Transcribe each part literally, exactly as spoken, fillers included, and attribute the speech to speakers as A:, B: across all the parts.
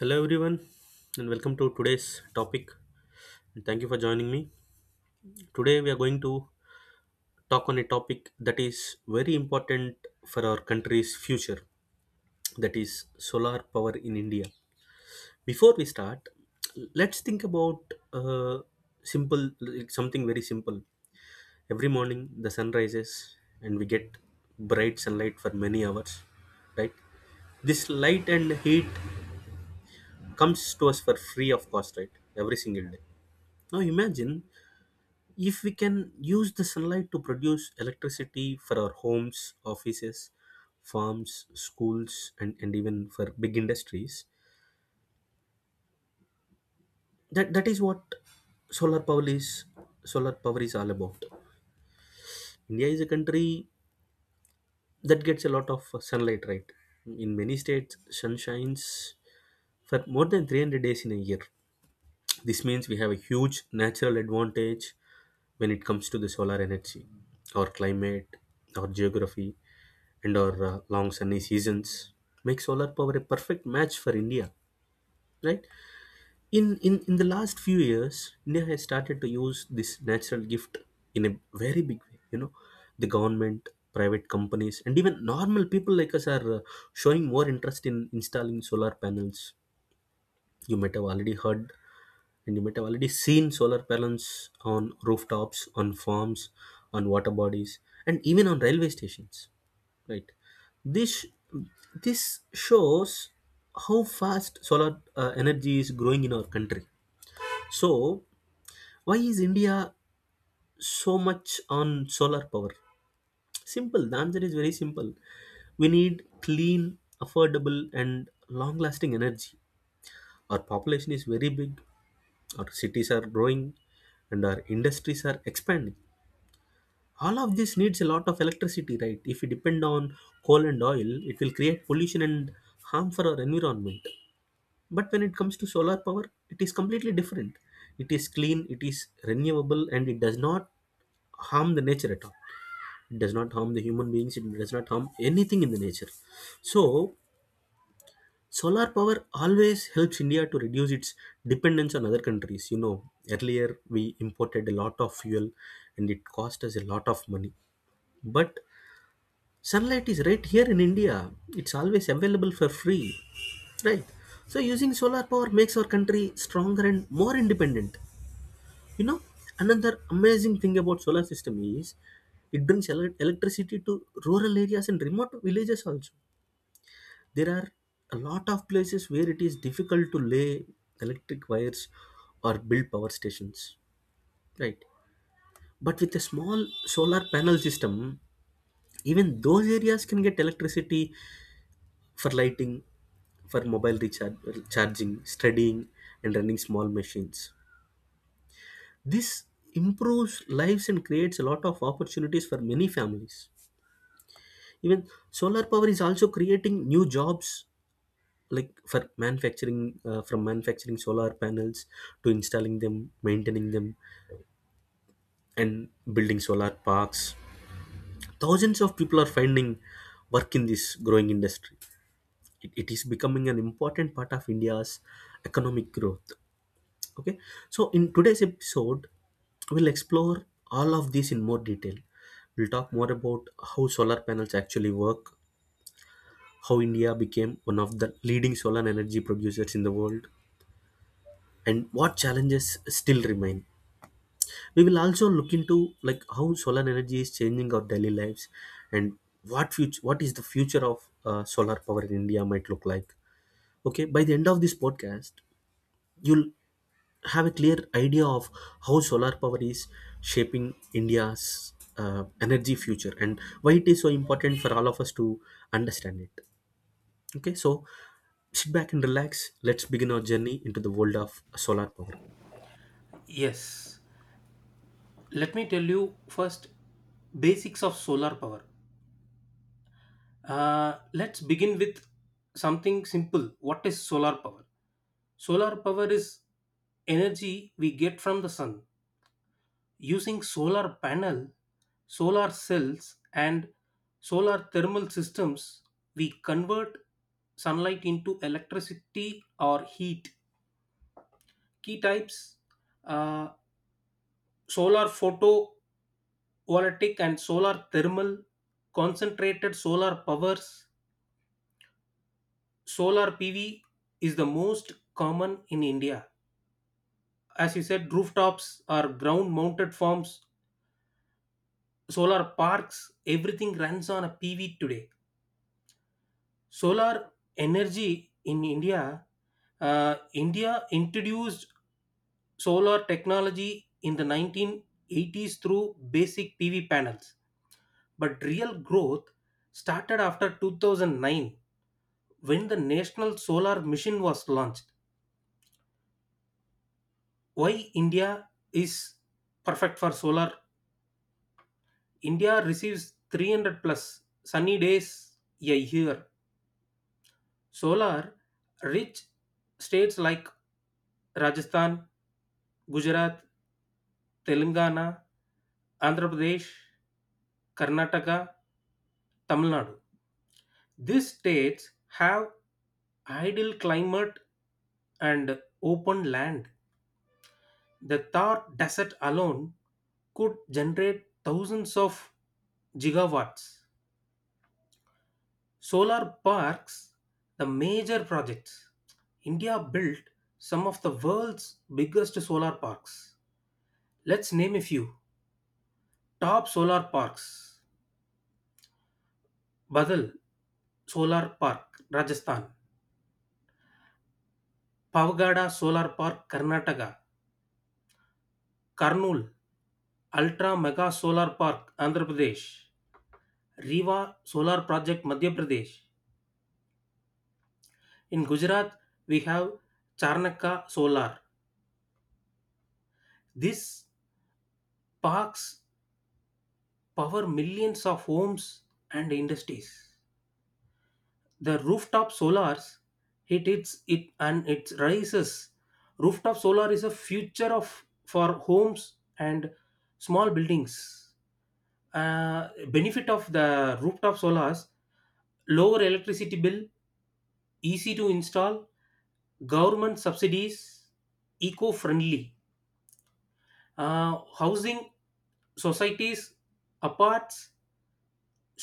A: Hello everyone and welcome to today's topic and thank you for joining me. Today we are going to talk on a topic that is very important for our country's future, that is solar power in India. Before we start let's think about uh, simple like something very simple. Every morning the sun rises and we get bright sunlight for many hours, right? This light and heat comes to us for free of cost, right? Every single day. Now imagine if we can use the sunlight to produce electricity for our homes, offices, farms, schools, and, and even for big industries. That that is what solar power is solar power is all about. India is a country that gets a lot of sunlight, right? In many states sun shines for more than three hundred days in a year. This means we have a huge natural advantage when it comes to the solar energy. Our climate, our geography, and our uh, long sunny seasons make solar power a perfect match for India. Right? In, in in the last few years, India has started to use this natural gift in a very big way. You know, the government, private companies, and even normal people like us are uh, showing more interest in installing solar panels. You might have already heard and you might have already seen solar panels on rooftops, on farms, on water bodies, and even on railway stations. Right? This this shows how fast solar uh, energy is growing in our country. So, why is India so much on solar power? Simple. The answer is very simple. We need clean, affordable, and long lasting energy. Our population is very big, our cities are growing and our industries are expanding. All of this needs a lot of electricity, right? If we depend on coal and oil it will create pollution and harm for our environment. But when it comes to solar power it is completely different. It is clean, it is renewable and it does not harm the nature at all. It does not harm the human beings, it does not harm anything in the nature. So solar power always helps India to reduce its dependence on other countries. You know, earlier we imported a lot of fuel and it cost us a lot of money. But sunlight is right here in India, it's always available for free, right? So using solar power makes our country stronger and more independent. You know, another amazing thing about solar system is it brings ele- electricity to rural areas and remote villages also. There are a lot of places where it is difficult to lay electric wires or build power stations, right? But with a small solar panel system even those areas can get electricity for lighting, for mobile recharge, charging, studying, and running small machines. This improves lives and creates a lot of opportunities for many families. Even solar power is also creating new jobs like for manufacturing uh, from manufacturing solar panels to installing them, maintaining them, and building solar parks. Thousands of people are finding work in this growing industry. It, it is becoming an important part of India's economic growth. Okay, so in today's episode we'll explore all of this in more detail. We'll talk more about how solar panels actually work, how India became one of the leading solar energy producers in the world, and what challenges still remain. We will also look into like how solar energy is changing our daily lives, and what future what is the future of uh, solar power in India might look like. Okay, by the end of this podcast you'll have a clear idea of how solar power is shaping India's uh, energy future and why it is so important for all of us to understand it. Okay, so sit back and relax, let's begin our journey into the world of solar power.
B: Yes. Let me tell you first basics of solar power. Uh, let's begin with something simple. What is solar power? Solar power is energy we get from the sun. Using solar panel, solar cells and solar thermal systems, we convert sunlight into electricity or heat. Key types uh, solar photo voltaic and solar thermal, concentrated solar powers, solar P V is the most common in India. As you said, rooftops or ground mounted farms, solar parks, everything runs on a P V today. Solar energy in India, uh, India introduced solar technology in the nineteen eighties through basic P V panels, but real growth started after two thousand nine when the National Solar Mission was launched. Why India is perfect for solar: India receives three hundred plus sunny days a year. Solar rich states like Rajasthan, Gujarat, Telangana, Andhra Pradesh, Karnataka, Tamil Nadu, these states have ideal climate and open land. The Thar desert alone could generate thousands of gigawatts. Solar parks, the major projects. India built some of the world's biggest solar parks. Let's name a few. Top solar parks: Badal Solar Park, Rajasthan; Pavagada Solar Park, Karnataka; Karnool Ultra Mega Solar Park, Andhra Pradesh; Rewa Solar Project, Madhya Pradesh. In Gujarat, we have Charnaka Solar. This parks power millions of homes and industries. The rooftop solars, it hits it and it rises. Rooftop solar is a future of for homes and small buildings. Uh, benefit of the rooftop solars: lower electricity bill, easy to install, government subsidies, eco-friendly, uh, housing societies, apartments,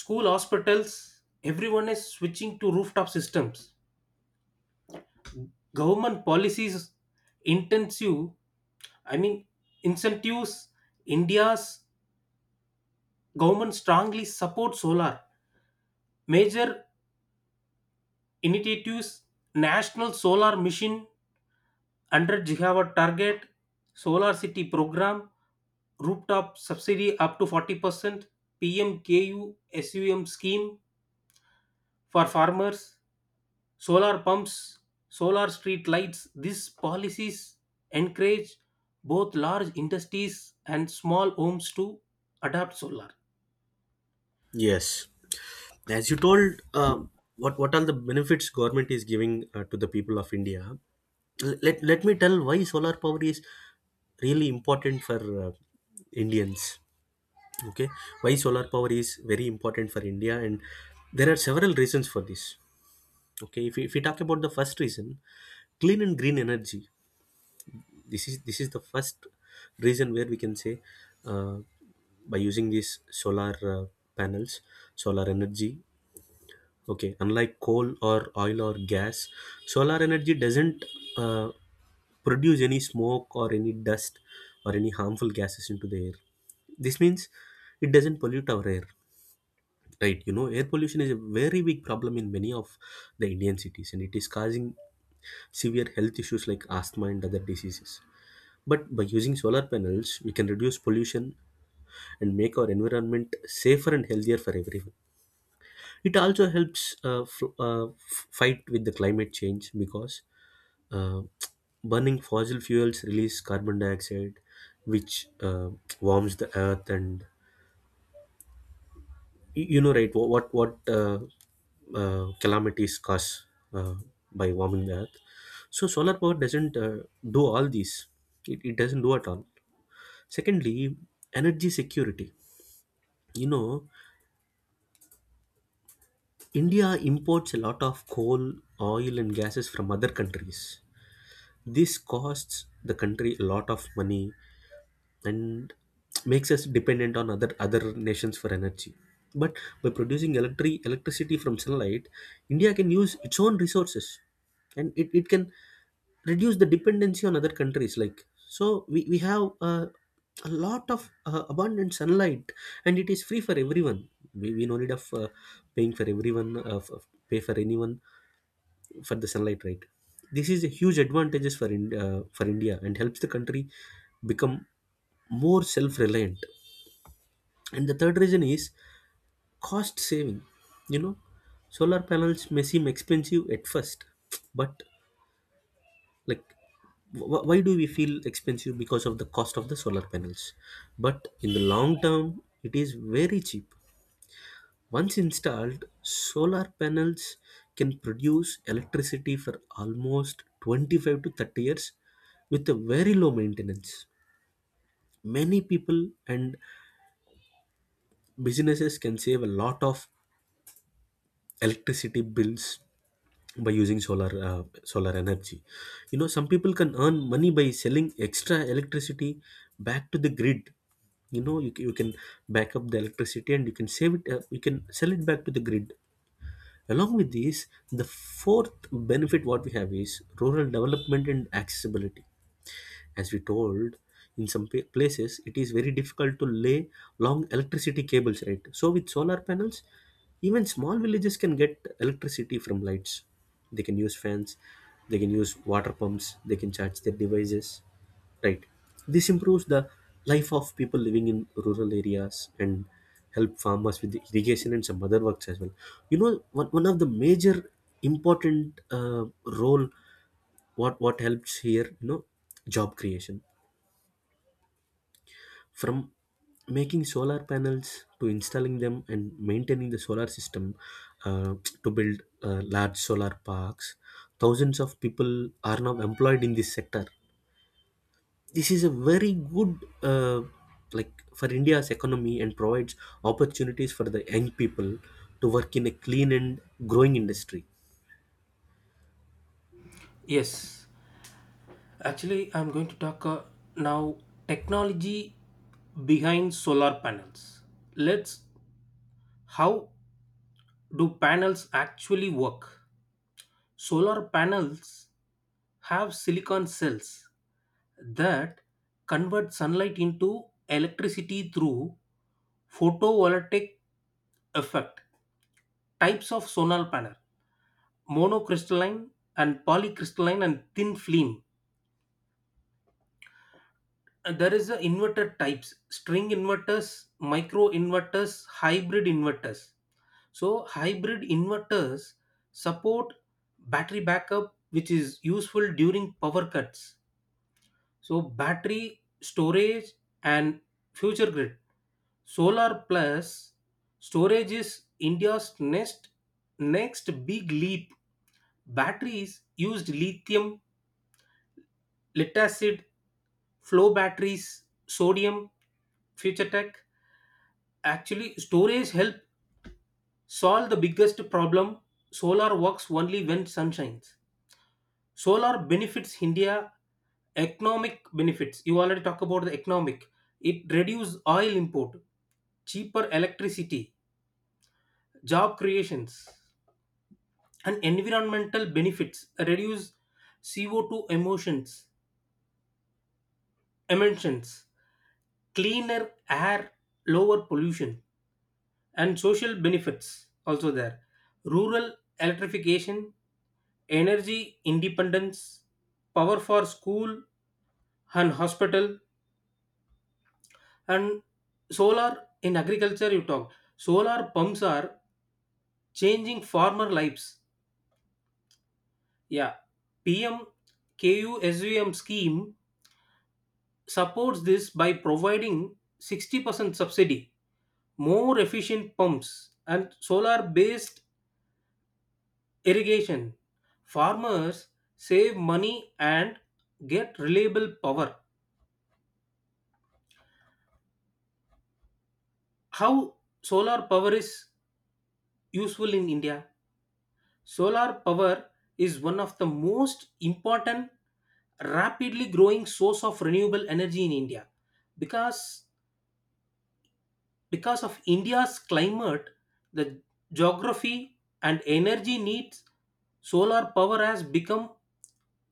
B: school hospitals, everyone is switching to rooftop systems. Government policies, intensive, I mean incentives. India's government strongly supports solar. Major initiatives: National Solar Mission, one hundred gigawatt target, solar city program, rooftop subsidy up to forty percent, pmku sum scheme. For farmers, solar pumps, solar street lights, these policies encourage both large industries and small homes to adopt solar.
A: Yes, as you told, uh, what what are the benefits government is giving uh, to the people of India. L- let let me tell why solar power is really important for uh, Indians. Okay, why solar power is very important for India, and there are several reasons for this. Okay, if we, if we talk about the first reason, clean and green energy. This is this is the first reason where we can say, uh, by using these solar uh, panels, solar energy. Okay, unlike coal or oil or gas, solar energy doesn't uh, produce any smoke or any dust or any harmful gases into the air. This means it doesn't pollute our air, right? You know, air pollution is a very big problem in many of the Indian cities and it is causing severe health issues like asthma and other diseases. But by using solar panels, we can reduce pollution and make our environment safer and healthier for everyone. It also helps uh, f- uh, f- fight with the climate change because uh, burning fossil fuels release carbon dioxide, which uh, warms the earth and y- you know right wha- what what uh, uh, calamities cause uh, by warming the earth. So solar power doesn't uh, do all these. It, it doesn't do at all. Secondly, energy security. You know, India imports a lot of coal, oil, and gases from other countries. This costs the country a lot of money and makes us dependent on other other nations for energy. But by producing electric electricity from sunlight, India can use its own resources and it, it can reduce the dependency on other countries. Like so we, we have uh, a lot of uh, abundant sunlight and it is free for everyone. We, we no need of uh, paying for everyone, uh, f- pay for anyone for the sunlight, right? This is a huge advantages for in, uh, for India and helps the country become more self reliant. And the third reason is cost saving. You know, solar panels may seem expensive at first, but like wh- why do we feel expensive? Because of the cost of the solar panels. But in the long term it is very cheap. Once installed, solar panels can produce electricity for almost twenty-five to thirty years with a very low maintenance. Many people and businesses can save a lot of electricity bills by using solar uh, solar energy. You know, some people can earn money by selling extra electricity back to the grid. You know, you, ca- you can back up the electricity and you can save it. Uh, you can sell it back to the grid. Along with these, the fourth benefit what we have is rural development and accessibility. As we told, in some pa- places it is very difficult to lay long electricity cables, right? So with solar panels even small villages can get electricity from lights, they can use fans, they can use water pumps, they can charge their devices, right? This improves the life of people living in rural areas and help farmers with the irrigation and some other works as well. You know, one, one of the major important uh, role, what what helps here, you know, job creation. From making solar panels to installing them and maintaining the solar system, uh, to build uh, large solar parks, thousands of people are now employed in this sector. This is a very good uh, like for India's economy and provides opportunities for the young people to work in a clean and growing industry.
B: Yes, actually, I'm going to talk uh, now technology behind solar panels. Let's how do panels actually work? Solar panels have silicon cells that convert sunlight into electricity through photovoltaic effect. Types of solar panel: monocrystalline and polycrystalline and thin film. And there is a inverter types: string inverters, micro inverters, hybrid inverters. So hybrid inverters support battery backup which is useful during power cuts. So battery storage and future grid. Solar plus storage is India's next next big leap. Batteries used lithium, lead acid, flow batteries, sodium, future tech. Actually, storage help solve the biggest problem. Solar works only when sun shines. Solar benefits India. Economic benefits you already talked about, the economic, it reduce oil import, cheaper electricity, job creations, and environmental benefits, reduce C O two emissions, emissions cleaner air, lower pollution, and social benefits also there: rural electrification, energy independence, power for school and hospital, and solar in agriculture. You talk solar pumps are changing farmer lives. Yeah, P M K U S V M scheme supports this by providing sixty percent subsidy, more efficient pumps, and solar based irrigation. Farmers save money and get reliable power. How solar power is useful in India? Solar power is one of the most important rapidly growing source of renewable energy in India because Because of India's climate, the geography and energy needs, solar power has become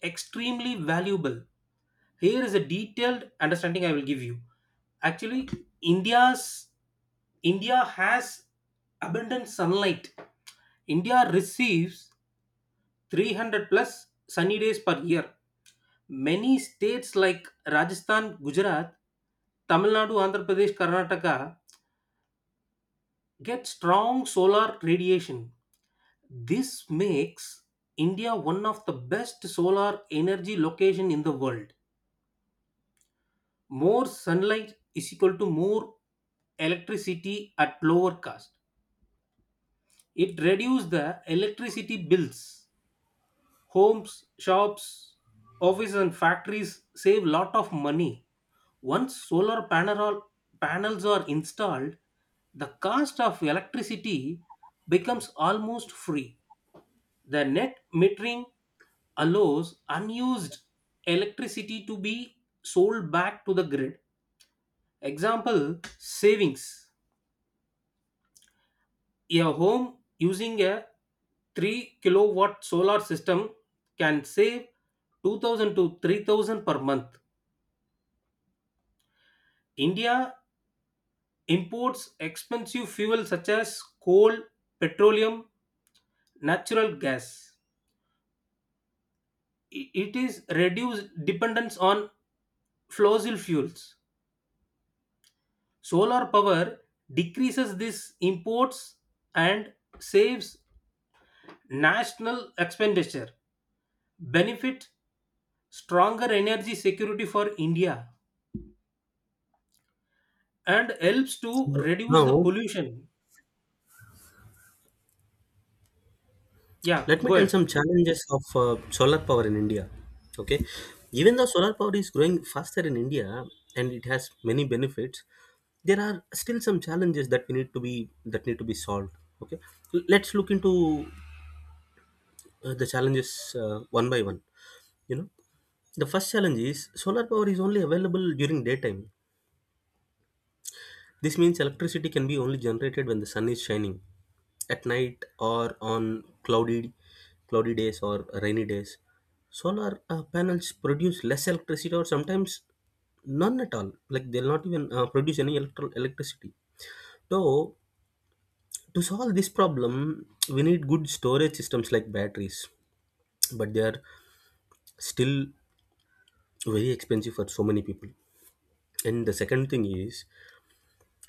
B: extremely valuable. Here is a detailed understanding I will give you. Actually, India's India has abundant sunlight. India receives three hundred plus sunny days per year. Many states like Rajasthan, Gujarat, Tamil Nadu, Andhra Pradesh, Karnataka get strong solar radiation. This makes India one of the best solar energy location in the world. More sunlight is equal to more electricity at lower cost. It reduces the electricity bills. Homes, shops, offices and factories save lot of money. Once solar panel, panels are installed, the cost of electricity becomes almost free. The net metering allows unused electricity to be sold back to the grid. Example savings: a home using a three kilowatt solar system can save two thousand to three thousand per month. India imports expensive fuel such as coal, petroleum, natural gas. I- It is reduced dependence on fossil fuels. Solar power decreases these imports and saves national expenditure, benefit stronger energy security for India, and helps to
A: So
B: reduce the
A: now,
B: pollution. Yeah,
A: let me
B: go
A: tell
B: ahead.
A: some challenges of uh, solar power in India. Okay, even though solar power is growing faster in India and it has many benefits, there are still some challenges that we need to be that need to be solved. Okay, L- let's look into uh, the challenges uh, one by one. You know, the first challenge is solar power is only available during daytime. This means electricity can be only generated when the sun is shining. At night or on cloudy, cloudy days or rainy days, solar uh, panels produce less electricity or sometimes none at all. Like they'll not even uh, produce any electro- electricity. So to solve this problem, we need good storage systems like batteries, but they are still very expensive for so many people. And the second thing is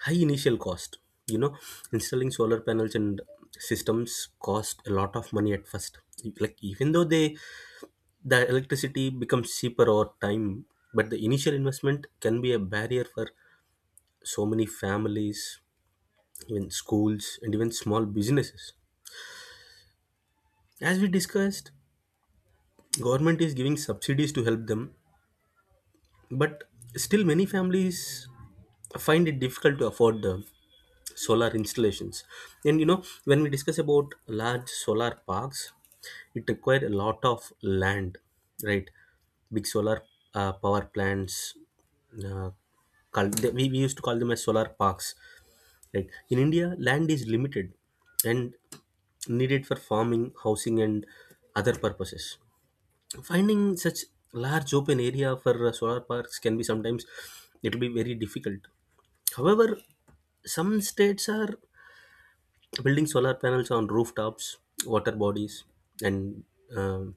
A: high initial cost. You know, installing solar panels and systems cost a lot of money at first. Like even though they the electricity becomes cheaper over time, but the initial investment can be a barrier for so many families, even schools and even small businesses. As we discussed, government is giving subsidies to help them. But still, many families find it difficult to afford the solar installations. And you know, when we discuss about large solar parks, it requires a lot of land, right? Big solar uh, power plants. Uh, call, they- we, we used to call them as solar parks, right? In India, land is limited and needed for farming, housing, and other purposes. Finding such large open area for uh, solar parks can be sometimes it'll be very difficult. However, some states are building solar panels on rooftops, water bodies, and um,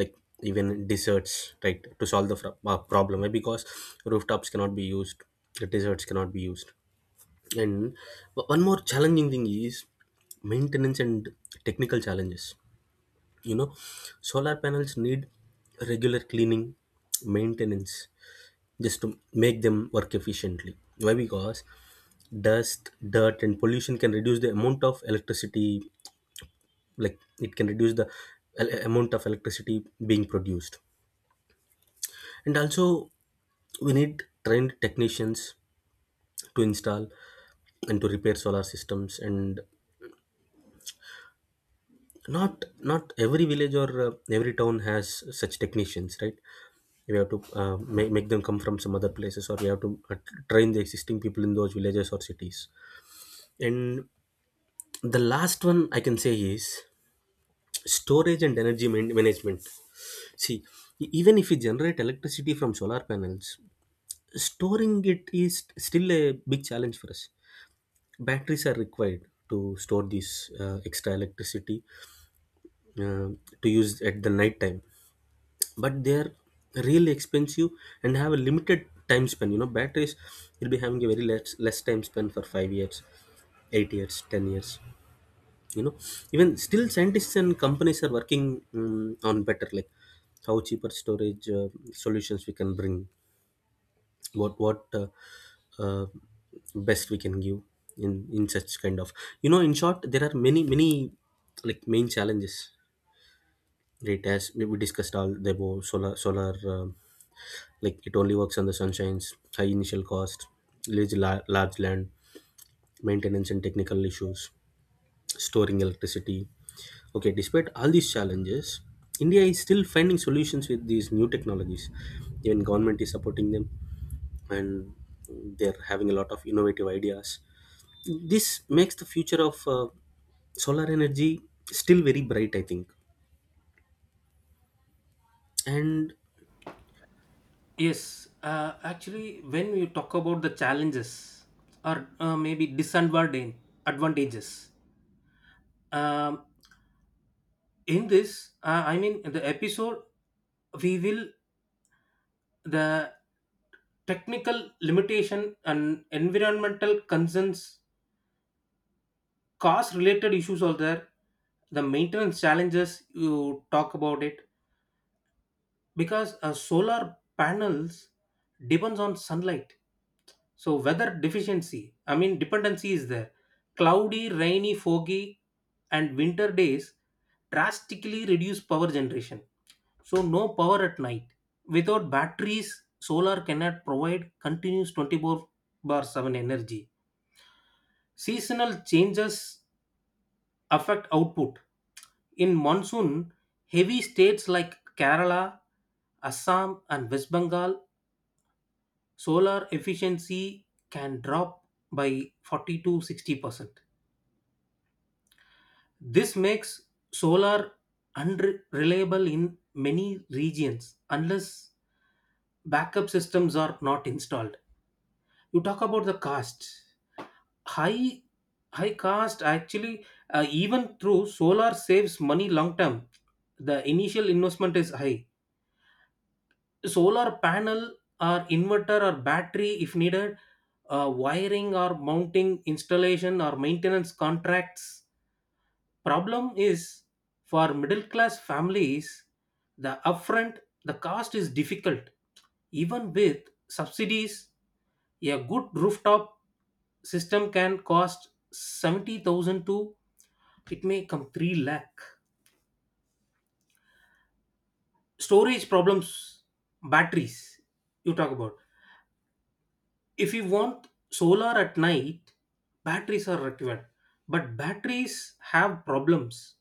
A: like even deserts, right, to solve the fro- uh, problem, right? Because rooftops cannot be used, the deserts cannot be used, and o- one more challenging thing is maintenance and technical challenges. You know, solar panels need regular cleaning, maintenance, just to make them work efficiently. Why? Because dust, dirt and pollution can reduce the amount of electricity, like it can reduce the el- amount of electricity being produced. And also, we need trained technicians to install and to repair solar systems, and not not every village or uh, every town has such technicians, right? We have to uh, make, make them come from some other places, or we have to uh, train the existing people in those villages or cities. And the last one I can say is storage and energy man- management. See, e- even if we generate electricity from solar panels, storing it is still a big challenge for us. Batteries are required to store this uh, extra electricity, uh, to use at the night time, but they are really expensive and have a limited time span. You know, batteries will be having a very less less time span, for five years, eight years, ten years. You know, even still scientists and companies are working mm, on better, like how cheaper storage uh, solutions we can bring, what what uh, uh, best we can give in in such kind of, you know. In short, there are many many like main challenges, right, as we we discussed all the above. Solar solar um, like, it only works on the sunshines, high initial cost, large, la- large land, maintenance and technical issues, storing electricity. Okay, despite all these challenges, India is still finding solutions with these new technologies. Even government is supporting them, and they're having a lot of innovative ideas. This makes the future of uh, solar energy still very bright, I think. And
B: Yes, uh, actually, when we talk about the challenges or uh, maybe disadvantage advantages, um, in this, uh, I mean, the episode, we will the technical limitation and environmental concerns, cost related issues are there, the maintenance challenges you talk about it. Because uh, solar panels depends on sunlight, so weather deficiency, I mean dependency is there. Cloudy, rainy, foggy and winter days drastically reduce power generation. So no power at night. Without batteries solar cannot provide continuous twenty four seven energy. Seasonal changes affect output. In monsoon, heavy states like Kerala, Assam, and West Bengal, solar efficiency can drop by forty to sixty percent. This makes solar unreliable in many regions unless backup systems are not installed. You talk about the cost. High High cost actually, uh, even through solar saves money long term. The initial investment is high. Solar panel or inverter or battery, if needed, uh, wiring or mounting installation or maintenance contracts. Problem is for middle class families, the upfront the cost is difficult. Even with subsidies, a good rooftop system can cost seventy thousand to it may come three lakh. Storage problems, batteries you talk about. If you want solar at night, batteries are required. But batteries have problems.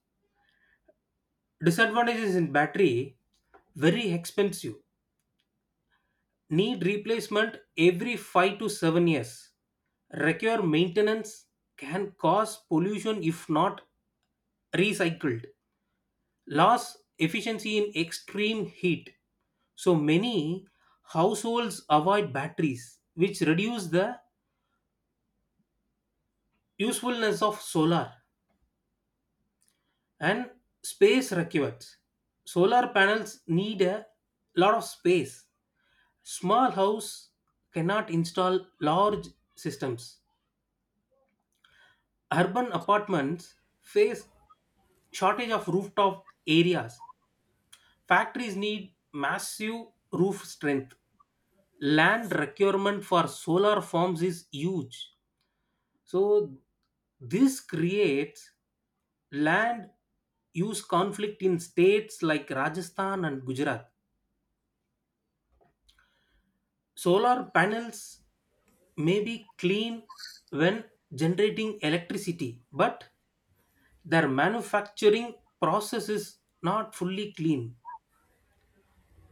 B: Disadvantages in battery: very expensive, need replacement every five to seven years, require maintenance, can cause pollution if not recycled, loss efficiency in extreme heat. So many households avoid batteries which reduce the usefulness of solar. And space requirements: solar panels need a lot of space. Small house cannot install large systems. Urban apartments face shortage of rooftop areas. Factories need massive roof strength. Land requirement for solar farms is huge. So this creates land use conflict in states like Rajasthan and Gujarat. Solar panels may be clean when generating electricity, but their manufacturing process is not fully clean.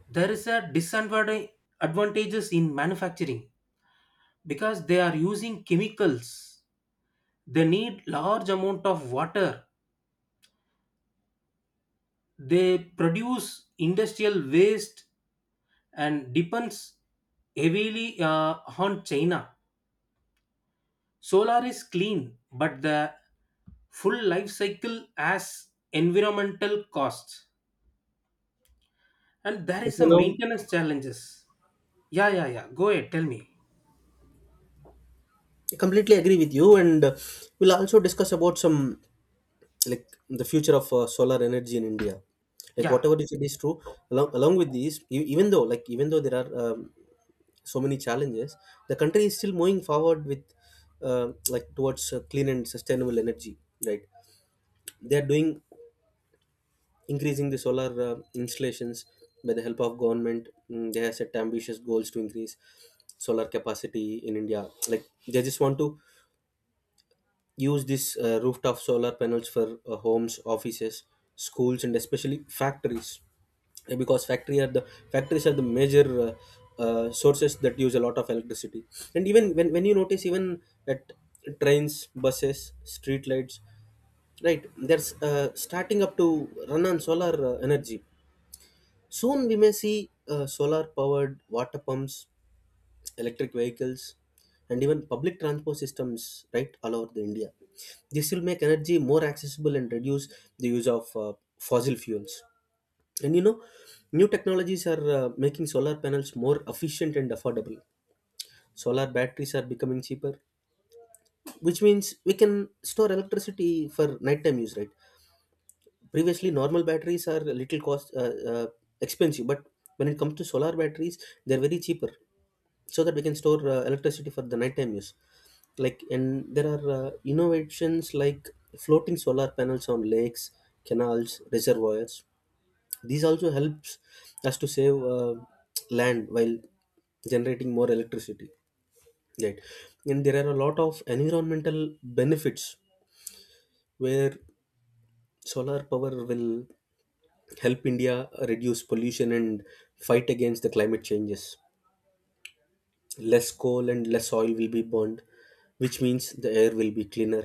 B: There is a disadvantage advantages in manufacturing because they are using chemicals. They need large amount of water. They produce industrial waste and depends heavily uh, on China. Solar is clean, but the full life cycle has environmental costs, and there
A: okay,
B: is a
A: now
B: maintenance challenges. Yeah, yeah, yeah. Go ahead. Tell me.
A: I completely agree with you, and uh, we'll also discuss about some, like the future of uh, solar energy in India. Like
B: Yeah.
A: whatever you said is true. Along along with these, e- even though, like, even though there are um, so many challenges, the country is still moving forward with uh, like towards uh, clean and sustainable energy, right? They are doing, increasing the solar uh, installations by the help of government. Mm, they have set ambitious goals to increase solar capacity in India. Like, they just want to use these uh, rooftop solar panels for uh, homes, offices, schools and especially factories. Uh, because factory are the factories are the major uh, uh, sources that use a lot of electricity. And even when, when you notice, even at trains, buses, street lights, right, there's uh, starting up to run on solar uh, energy. Soon we may see uh, solar powered water pumps, electric vehicles, and even public transport systems, right, all over the India. This will make energy more accessible and reduce the use of uh, fossil fuels. And you know, new technologies are uh, making solar panels more efficient and affordable. Solar batteries are becoming cheaper, which means we can store electricity for nighttime use, right? Previously, normal batteries are a little cost uh, uh, expensive, but when it comes to solar batteries, they're very cheaper, so that we can store uh, electricity for the nighttime use. Like, and there are uh, innovations like floating solar panels on lakes, canals, reservoirs. These also helps us to save uh, land while generating more electricity, right? And there are a lot of environmental benefits, where solar power will help India reduce pollution and fight against the climate changes. Less coal and less oil will be burned, which means the air will be cleaner.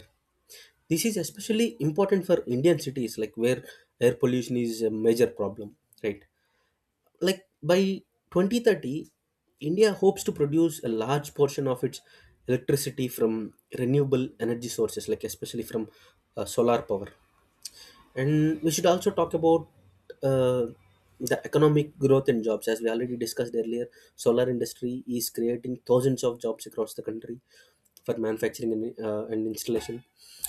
A: This is especially important for Indian cities, like where air pollution is a major problem, right? Like by twenty thirty, India hopes to produce a large portion of its electricity from renewable energy sources, like especially from uh, solar power. And we should also talk about uh, the economic growth in jobs, as we already discussed earlier. Solar industry is creating thousands of jobs across the country for manufacturing and, uh, and installation.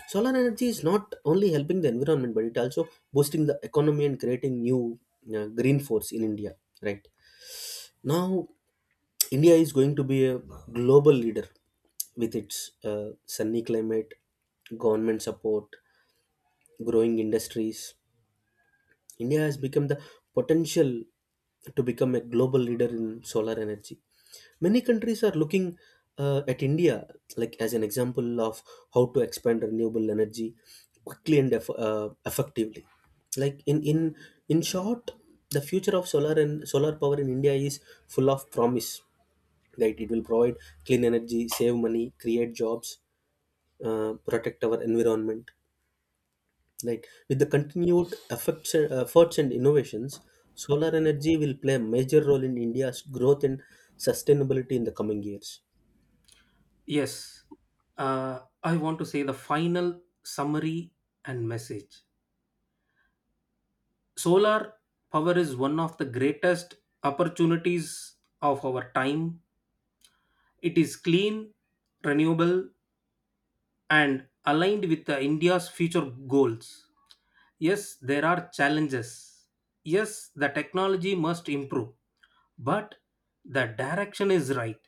A: Solar energy is not only helping the environment, but it also boosting the economy and creating new uh, green force in India. Right now, India is going to be a global leader. With its uh, sunny climate, government support, growing industries, India has become the potential to become a global leader in solar energy. Many countries are looking uh, at India like as an example of how to expand renewable energy quickly and eff- uh, effectively. Like, in in in short, the future of solar and solar power in India is full of promise. Right, it will provide clean energy, save money, create jobs, uh, protect our environment, like with the continued effects, efforts and innovations, solar energy will play a major role in India's growth and sustainability in the coming years.
B: Yes. Uh, I want to say the final summary and message. Solar power is one of the greatest opportunities of our time. It is clean, renewable, and aligned with the India's future goals. Yes, there are challenges. Yes, the technology must improve, but the direction is right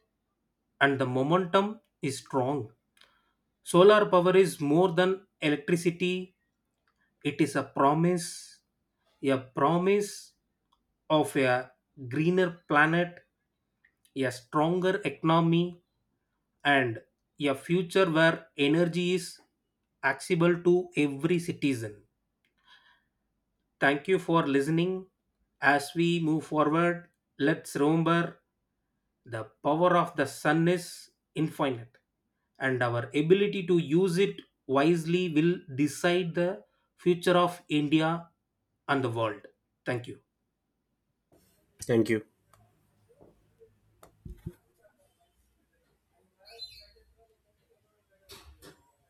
B: and the momentum is strong. Solar power is more than electricity, it is a promise, a promise of a greener planet, a stronger economy, and a future where energy is accessible to every citizen. Thank you for listening. As we move forward, let's remember: the power of the sun is infinite, and our ability to use it wisely will decide the future of India and the world. Thank you.
A: Thank you.